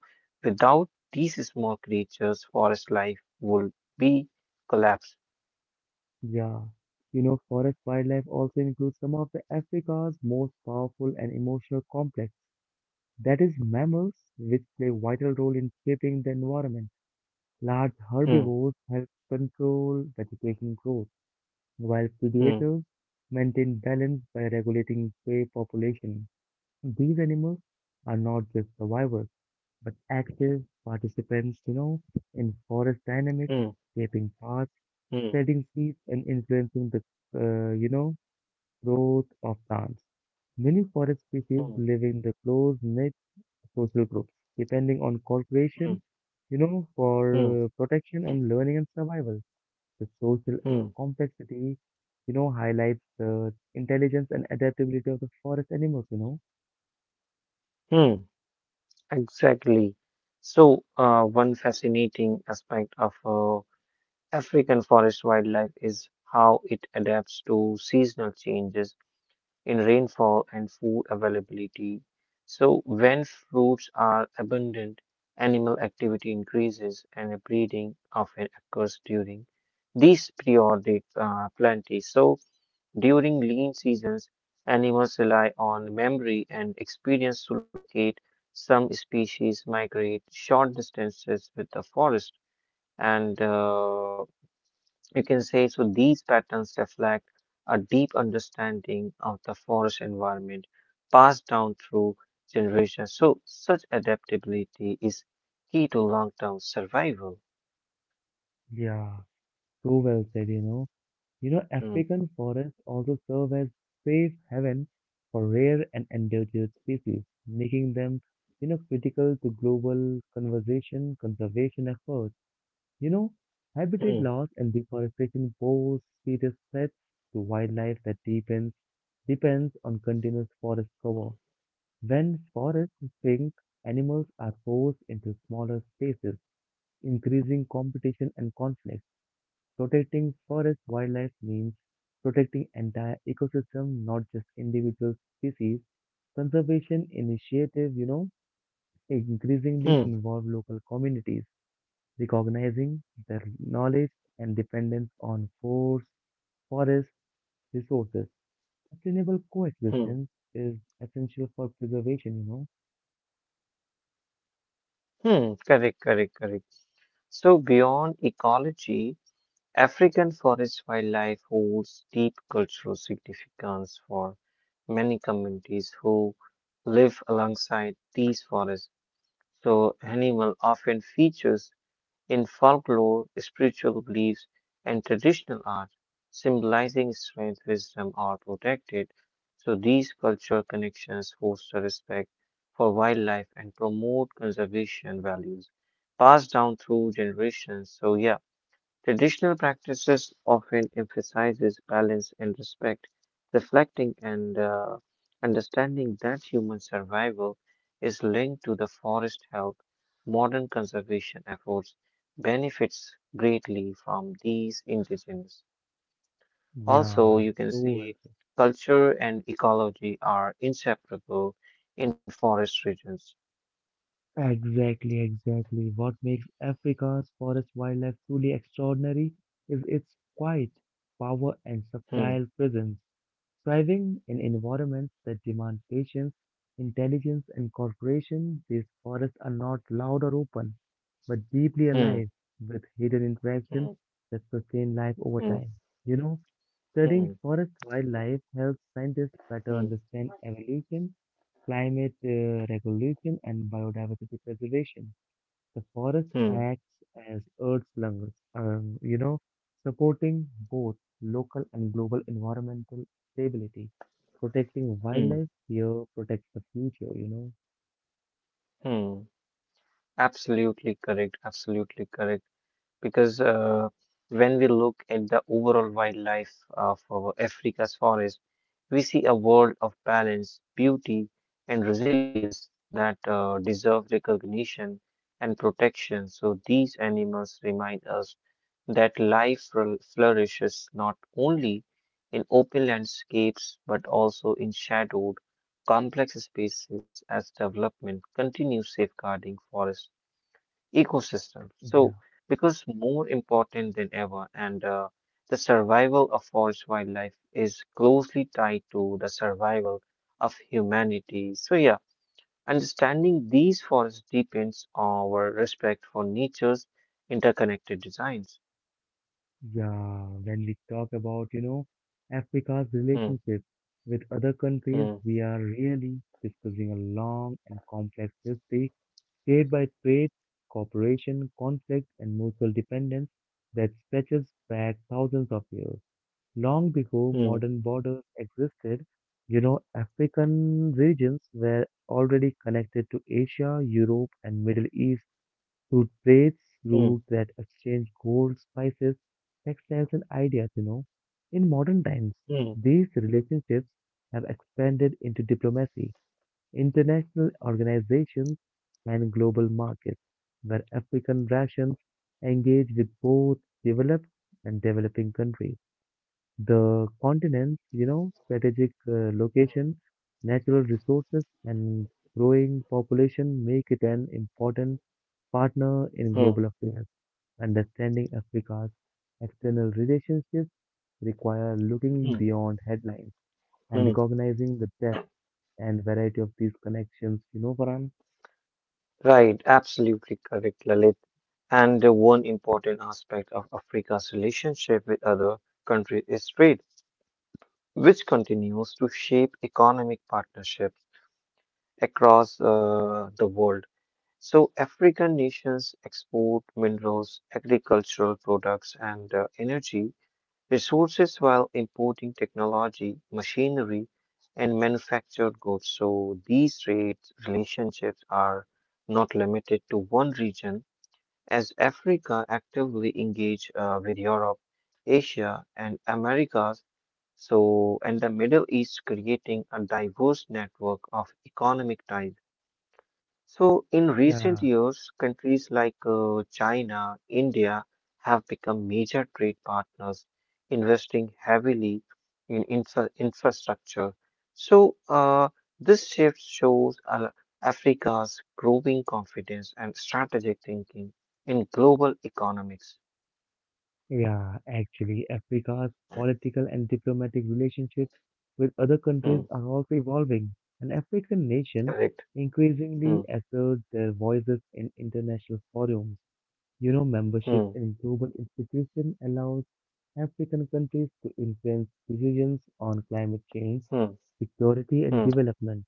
B: without these small creatures, forest life would be collapsed.
A: yeah. Forest wildlife also includes some of the Africa's most powerful and emotional complex. That is mammals, which play vital role in shaping the environment. Large
B: Hmm,
A: herbivores help control vegetation growth, while
B: hmm,
A: predators maintain balance by regulating prey population. These animals are not just survivors, but active participants in forest dynamics,
B: hmm,
A: shaping paths,
B: hmm,
A: spreading seeds, and influencing the, uh, you know, growth of plants. Many forest species
B: hmm,
A: live in the close knit social groups, depending on
B: hmm,
A: cooperation, you know, for
B: hmm,
A: uh, protection and learning and survival. The social
B: hmm,
A: complexity highlights the intelligence and adaptability of the forest animals.
B: hmm. Exactly. So one fascinating aspect of African forest wildlife is how it adapts to seasonal changes in rainfall and food availability. So, when fruits are abundant, animal activity increases and breeding often occurs during these periodic plenty. So, during lean seasons, animals rely on memory and experience to locate. Some species migrate short distances with the forest and you can say so these patterns reflect a deep understanding of the forest environment passed down through generations. So such adaptability is key to long-term survival.
A: Yeah, so well said, You know,
B: Hmm,
A: African forests also serve as safe haven for rare and endangered species, making them critical to global conservation efforts. You know, habitat
B: hmm,
A: loss and deforestation pose serious threats to wildlife that depends on continuous forest cover. When forests shrink, animals are forced into smaller spaces, increasing competition and conflict. Protecting forest wildlife means protecting entire ecosystem, not just individual species. Conservation initiatives increasingly
B: hmm,
A: involve local communities recognizing their knowledge and dependence on forest resources. Sustainable
B: hmm,
A: coexistence is essential for preservation,
B: hmm. Correct, correct, correct. So beyond ecology, African forest wildlife holds deep cultural significance for many communities who live alongside these forests. So, animal often features in folklore, spiritual beliefs, and traditional art, symbolizing strength, wisdom, or protected. So, these cultural connections foster respect for wildlife and promote conservation values passed down through generations. So, yeah, traditional practices often emphasizes balance and respect, reflecting and understanding that human survival is linked to the forest health. Modern conservation efforts benefits greatly from these indigenous. Also,
A: Yeah,
B: you
A: it's
B: can
A: So, well
B: see culture and ecology are inseparable in forest regions.
A: exactly, exactly. What makes Africa's forest wildlife truly extraordinary is its quiet power and
B: Hmm,
A: subtle presence, thriving in environments that demand patience, intelligence, and cooperation. These forests are not loud or open, but deeply
B: hmm,
A: alive with hidden
B: hmm,
A: interactions that sustain life over
B: hmm,
A: time. You know, studying
B: hmm,
A: forest wildlife helps scientists better
B: hmm,
A: understand evolution, climate regulation, and biodiversity preservation. The forest
B: hmm,
A: acts as Earth's lungs, supporting both local and global environmental stability, protecting
B: hmm,
A: wildlife here protects the future,
B: hmm. Absolutely correct. Absolutely correct. Because when we look at the overall wildlife of our Africa's forest, we see a world of balance, beauty, and resilience that deserve recognition and protection. So these animals remind us that life flourishes not only in open landscapes but also in shadowed, complex spaces as development continues safeguarding forest ecosystem. So,
A: Yeah,
B: because more important than ever, and the survival of forest wildlife is closely tied to the survival of humanity. So, yeah, understanding these forests deepens our respect for nature's interconnected designs.
A: yeah. When we talk about, Africa's
B: Hmm,
A: relationship with other countries,
B: hmm,
A: we are really discussing a long and complex history shaped by trade, cooperation, conflict, and mutual dependence that stretches back thousands of years. Long before
B: hmm,
A: modern borders existed, African regions were already connected to Asia, Europe, and Middle East through trades
B: hmm,
A: routes that exchanged gold, spices, textiles, and ideas. In modern times,
B: hmm,
A: these relationships have expanded into diplomacy, international organizations, and global markets, where African nations engage with both developed and developing countries. The continent's strategic location, natural resources, and growing population make it an important partner in
B: hmm,
A: global affairs. Understanding Africa's external relationships require looking
B: hmm,
A: beyond headlines and
B: hmm.
A: recognizing the depth and variety of these connections. You know, Farhan?
B: Right, absolutely correct, Lalit. And one important aspect of Africa's relationship with other countries is trade, which continues to shape economic partnerships across the world. So, African nations export minerals, agricultural products, and energy resources while importing technology, machinery, and manufactured goods. So, these trade relationships are not limited to one region, as Africa actively engage with Europe, Asia, and Americas so, and the Middle East, creating a diverse network of economic ties. So, in recent
A: Yeah,
B: years, countries like China, India have become major trade partners, investing heavily in infrastructure. So, this shift shows Africa's growing confidence and strategic thinking in global economics.
A: yeah, actually, Africa's political and diplomatic relationships with other
B: Hmm,
A: countries are also evolving, and African nations
B: correct.
A: increasingly
B: Hmm,
A: assert their voices in international forums. You know, membership
B: hmm,
A: in global institutions allows African countries to influence decisions on climate change,
B: hmm,
A: security, and
B: hmm,
A: development.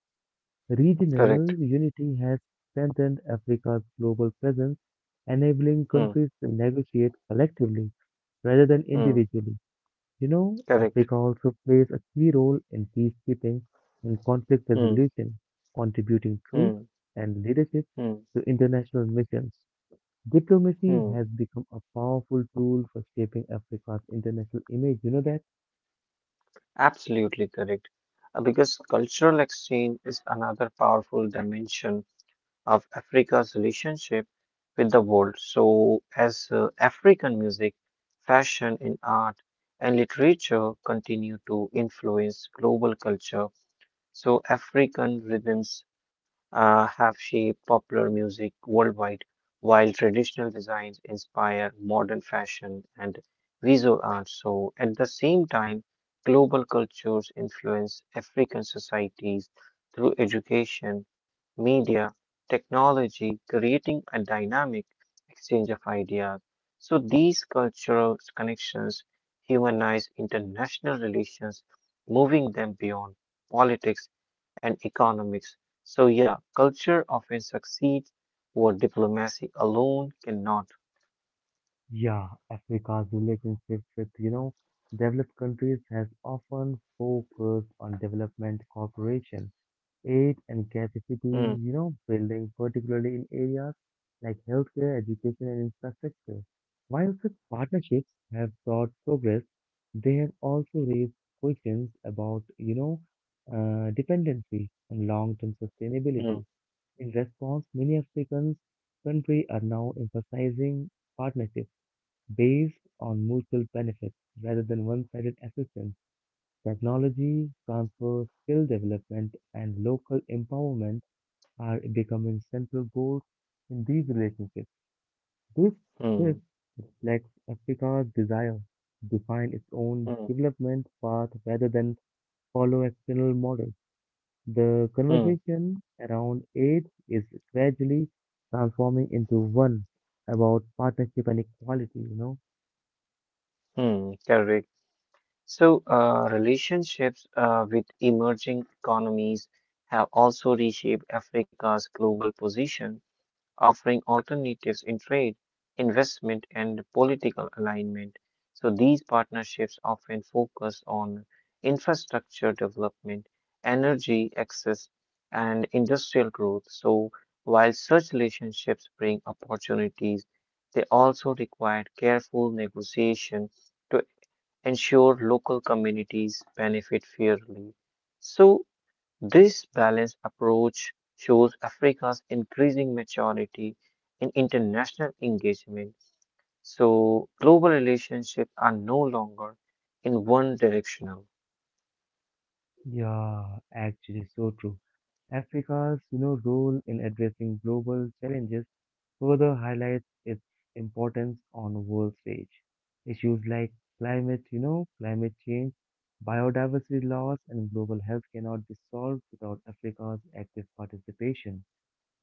A: Regional
B: correct.
A: unity has strengthened Africa's global presence, enabling
B: Hmm,
A: countries to negotiate collectively rather than
B: hmm.
A: individually. You know,
B: Correct.
A: Africa also plays a key role in peacekeeping and conflict
B: Hmm.
A: resolution, contributing troops
B: Hmm.
A: and leadership
B: Hmm.
A: to international missions. Diplomacy
B: Hmm.
A: has become a powerful tool for shaping Africa's international image. You know that?
B: Absolutely correct. Because cultural exchange is another powerful dimension of Africa's relationship with the world. So, as African music, fashion, and art and literature continue to influence global culture, so African rhythms have shaped popular music worldwide, while traditional designs inspire modern fashion and visual art. So at the same time, global cultures influence African societies through education, media, technology, creating a dynamic exchange of ideas. So these cultural connections humanize international relations, moving them beyond politics and economics. So, yeah, culture often succeeds what diplomacy alone cannot.
A: Yeah, Africa's relationship with, developed countries has often focused on development cooperation aid and capacity,
B: Mm,
A: building, particularly in areas like healthcare, education, and infrastructure. While such partnerships have brought progress, they have also raised questions about, dependency and long-term
B: mm,
A: sustainability. In response, many African countries are now emphasizing partnerships based on mutual benefits rather than one-sided assistance. Technology transfer, skill development, and local empowerment are becoming central goals in these relationships. This shift
B: mm,
A: reflects Africa's desire to define its own
B: mm,
A: development path rather than follow external models. The
B: mm,
A: conversation around aid is gradually transforming into one about partnership and equality.
B: mm, correct. So, relationships with emerging economies have also reshaped Africa's global position, offering alternatives in trade, investment, and political alignment. So these partnerships often focus on infrastructure development, energy access, and industrial growth. So while such relationships bring opportunities, they also require careful negotiation to ensure local communities benefit fairly. So this balanced approach shows Africa's increasing maturity in international engagement. So global relationships are no longer in one directional.
A: Yeah, actually, so true. Africa's role in addressing global challenges further highlights its importance on the world stage. Issues like climate change, biodiversity loss, and global health cannot be solved without Africa's active participation.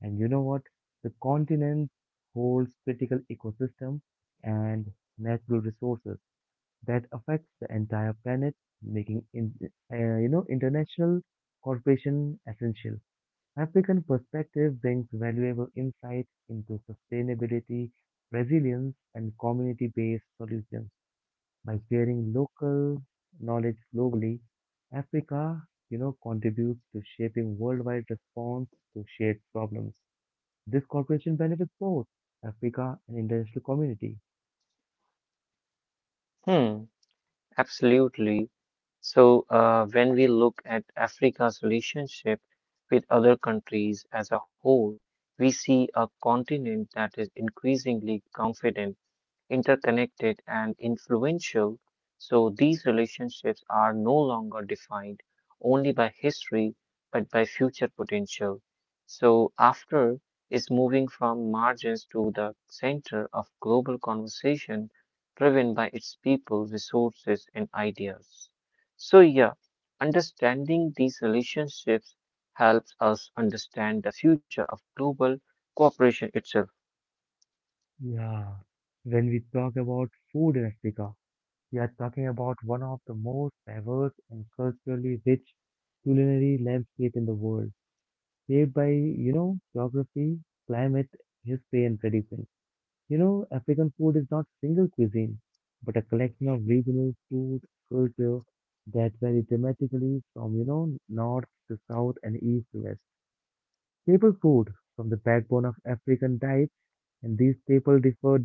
A: And you know what? The continent holds critical ecosystems and natural resources that affects the entire planet, making in, international cooperation essential. African perspective brings valuable insight into sustainability, resilience, and community-based solutions. By sharing local knowledge globally, Africa contributes to shaping worldwide response to shared problems. This cooperation benefits both Africa and international community.
B: Hmm, absolutely. So when we look at Africa's relationship with other countries as a whole, we see a continent that is increasingly confident, interconnected, and influential. So these relationships are no longer defined only by history, but by future potential. So after is moving from margins to the center of global conversation driven by its people, resources, and ideas. So yeah, understanding these relationships helps us understand the future of global cooperation itself.
A: Yeah. When we talk about food in Africa, we are talking about one of the most diverse and culturally rich culinary landscape in the world, shaped by, geography, climate, history, and tradition. African food is not single cuisine, but a collection of regional food culture that vary dramatically from, north to south and east to west. Staple food from the backbone of African diet, and these staples differ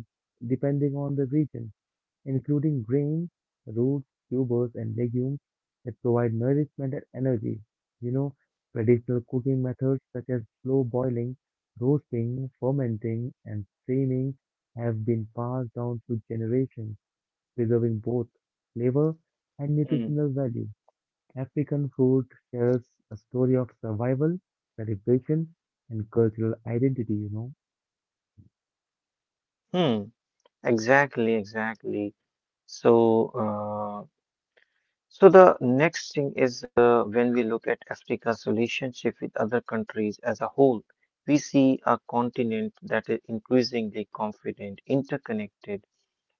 A: depending on the region including grains, roots, tubers, and legumes that provide nourishment and energy. You know, traditional cooking methods such as slow boiling, roasting, fermenting, and steaming have been passed down through generations, preserving both flavor and
B: Hmm.
A: nutritional value. African food shares a story of survival, celebration, and cultural identity.
B: Hmm. Exactly, exactly. So, so the next thing is when we look at Africa's relationship with other countries as a whole, we see a continent that is increasingly confident, interconnected,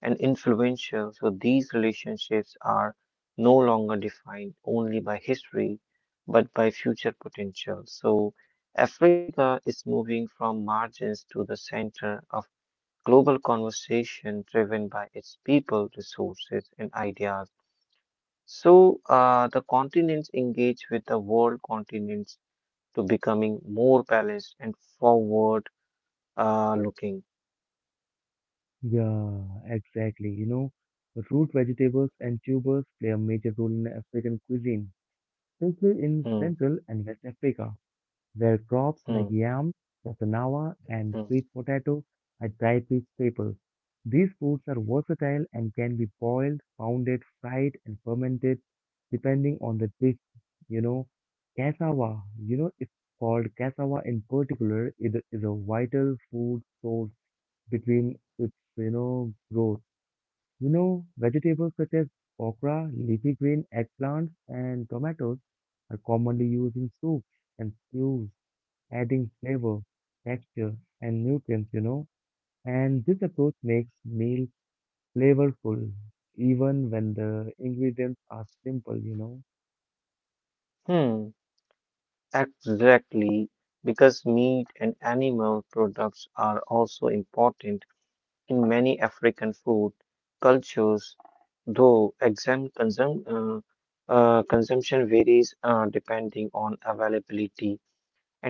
B: and influential. So these relationships are no longer defined only by history, but by future potential. So Africa is moving from margins to the center of global conversation driven by its people, resources, and ideas. So, the continents engage with the world continents to becoming more balanced and forward looking.
A: Yeah, exactly. Root vegetables and tubers play a major role in African cuisine, especially in
B: Hmm,
A: Central and West Africa, where crops like
B: hmm,
A: yam, cassava, and
B: hmm,
A: sweet potato are dry rich staples. These foods are versatile and can be boiled, pounded, fried, and fermented depending on the dish. You know, cassava, it's called cassava in particular, it is a vital food source between its growth. Vegetables such as okra, leafy green eggplants, and tomatoes are commonly used in soups and stews, adding flavor, texture, and nutrients. And this approach makes meals flavorful, even when the ingredients are simple.
B: hmm. Exactly, because meat and animal products are also important in many African food cultures. Though consumption varies depending on availability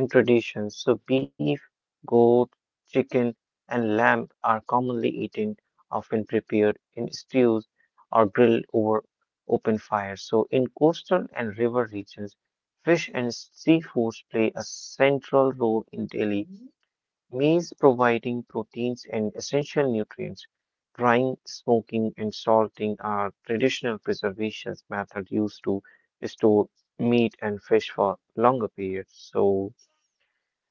B: and traditions. So, beef, goat, chicken, and lamb are commonly eaten, often prepared in stews or grilled over open fires. So, in coastal and river regions, fish and seafoods play a central role in daily Maize providing proteins and essential nutrients. Drying, smoking, and salting are traditional preservation methods used to store meat and fish for longer periods. So,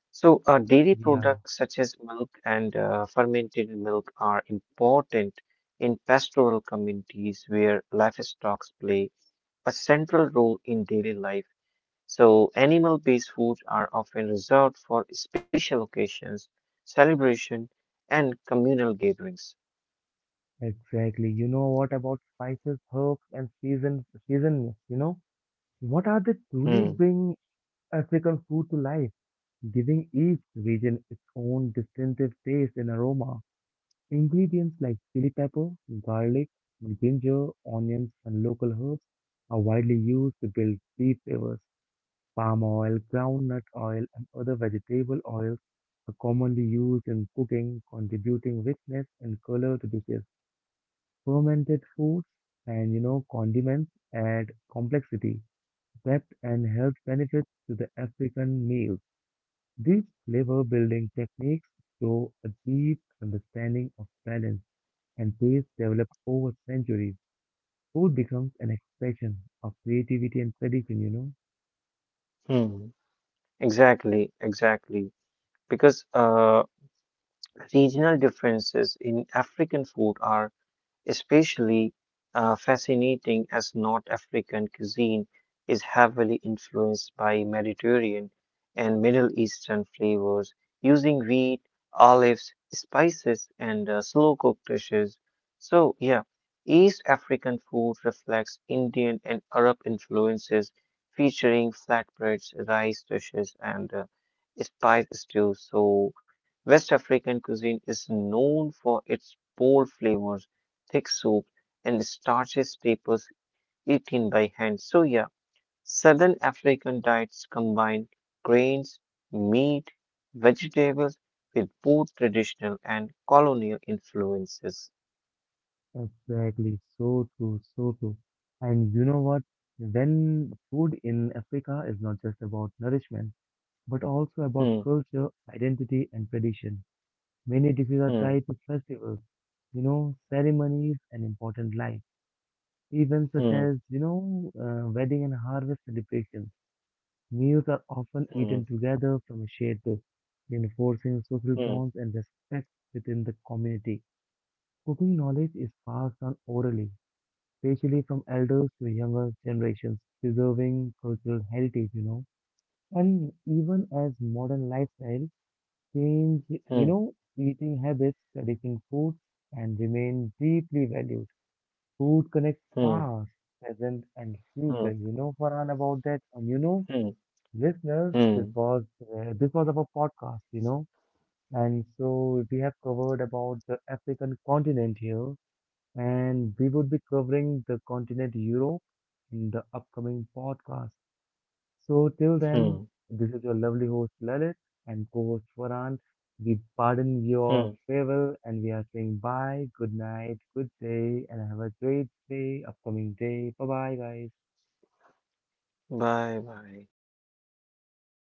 B: dairy
A: Yeah,
B: products such as milk and fermented milk are important in pastoral communities where livestock play a central role in daily life. So, animal-based foods are often reserved for special occasions, celebration, and communal gatherings.
A: exactly. You know what about spices, herbs, and season seasonings, What are they truly
B: Hmm.
A: bring African food to life? Giving each region its own distinctive taste and aroma. Ingredients like chili pepper, garlic, ginger, onions, and local herbs are widely used to build deep flavors. Palm oil, groundnut oil, and other vegetable oils are commonly used in cooking, contributing richness and color to dishes. Fermented foods and condiments add complexity, depth, and health benefits to the African meal. These flavor building techniques show a deep understanding of balance and taste developed over centuries. Food becomes an expression of creativity and tradition,
B: Hmm. Exactly. Exactly. Because regional differences in African food are especially fascinating as North African cuisine is heavily influenced by Mediterranean and Middle Eastern flavors, using wheat, olives, spices, and slow cooked dishes. So, yeah, East African food reflects Indian and Arab influences, featuring flatbreads, rice dishes, and spice stews. So, West African cuisine is known for its bold flavors, thick soup and starches staples eaten by hand. So yeah, Southern African diets combine grains, meat, vegetables with both traditional and colonial influences.
A: Exactly, so true, so true. And you know what? When food in Africa is not just about nourishment, but also about
B: Hmm,
A: culture, identity, and tradition. Many dishes are
B: hmm,
A: tied to festivals, ceremonies, and important life. Events such
B: hmm,
A: as, wedding and harvest celebrations. Meals are often
B: hmm,
A: eaten together from a shared table, reinforcing social
B: hmm,
A: bonds and respect within the community. Cooking knowledge is passed on orally, especially from elders to younger generations, preserving cultural heritage, And even as modern lifestyle change,
B: hmm,
A: eating habits, tradition foods, and remain deeply valued. Food connects
B: hmm,
A: past, present, and
B: hmm,
A: future. You know, Farhan, about that. And you know,
B: hmm,
A: listeners, this
B: hmm,
A: was this was our podcast. You know, and so we have covered about the African continent here, and we would be covering the continent Europe in the upcoming podcast. So till
B: hmm,
A: then, this is your lovely host Lalit and co-host Varan. We pardon
B: hmm.
A: your farewell and we are saying bye, good night, good day, and have a great day, upcoming day. Bye bye, guys.
B: Bye bye.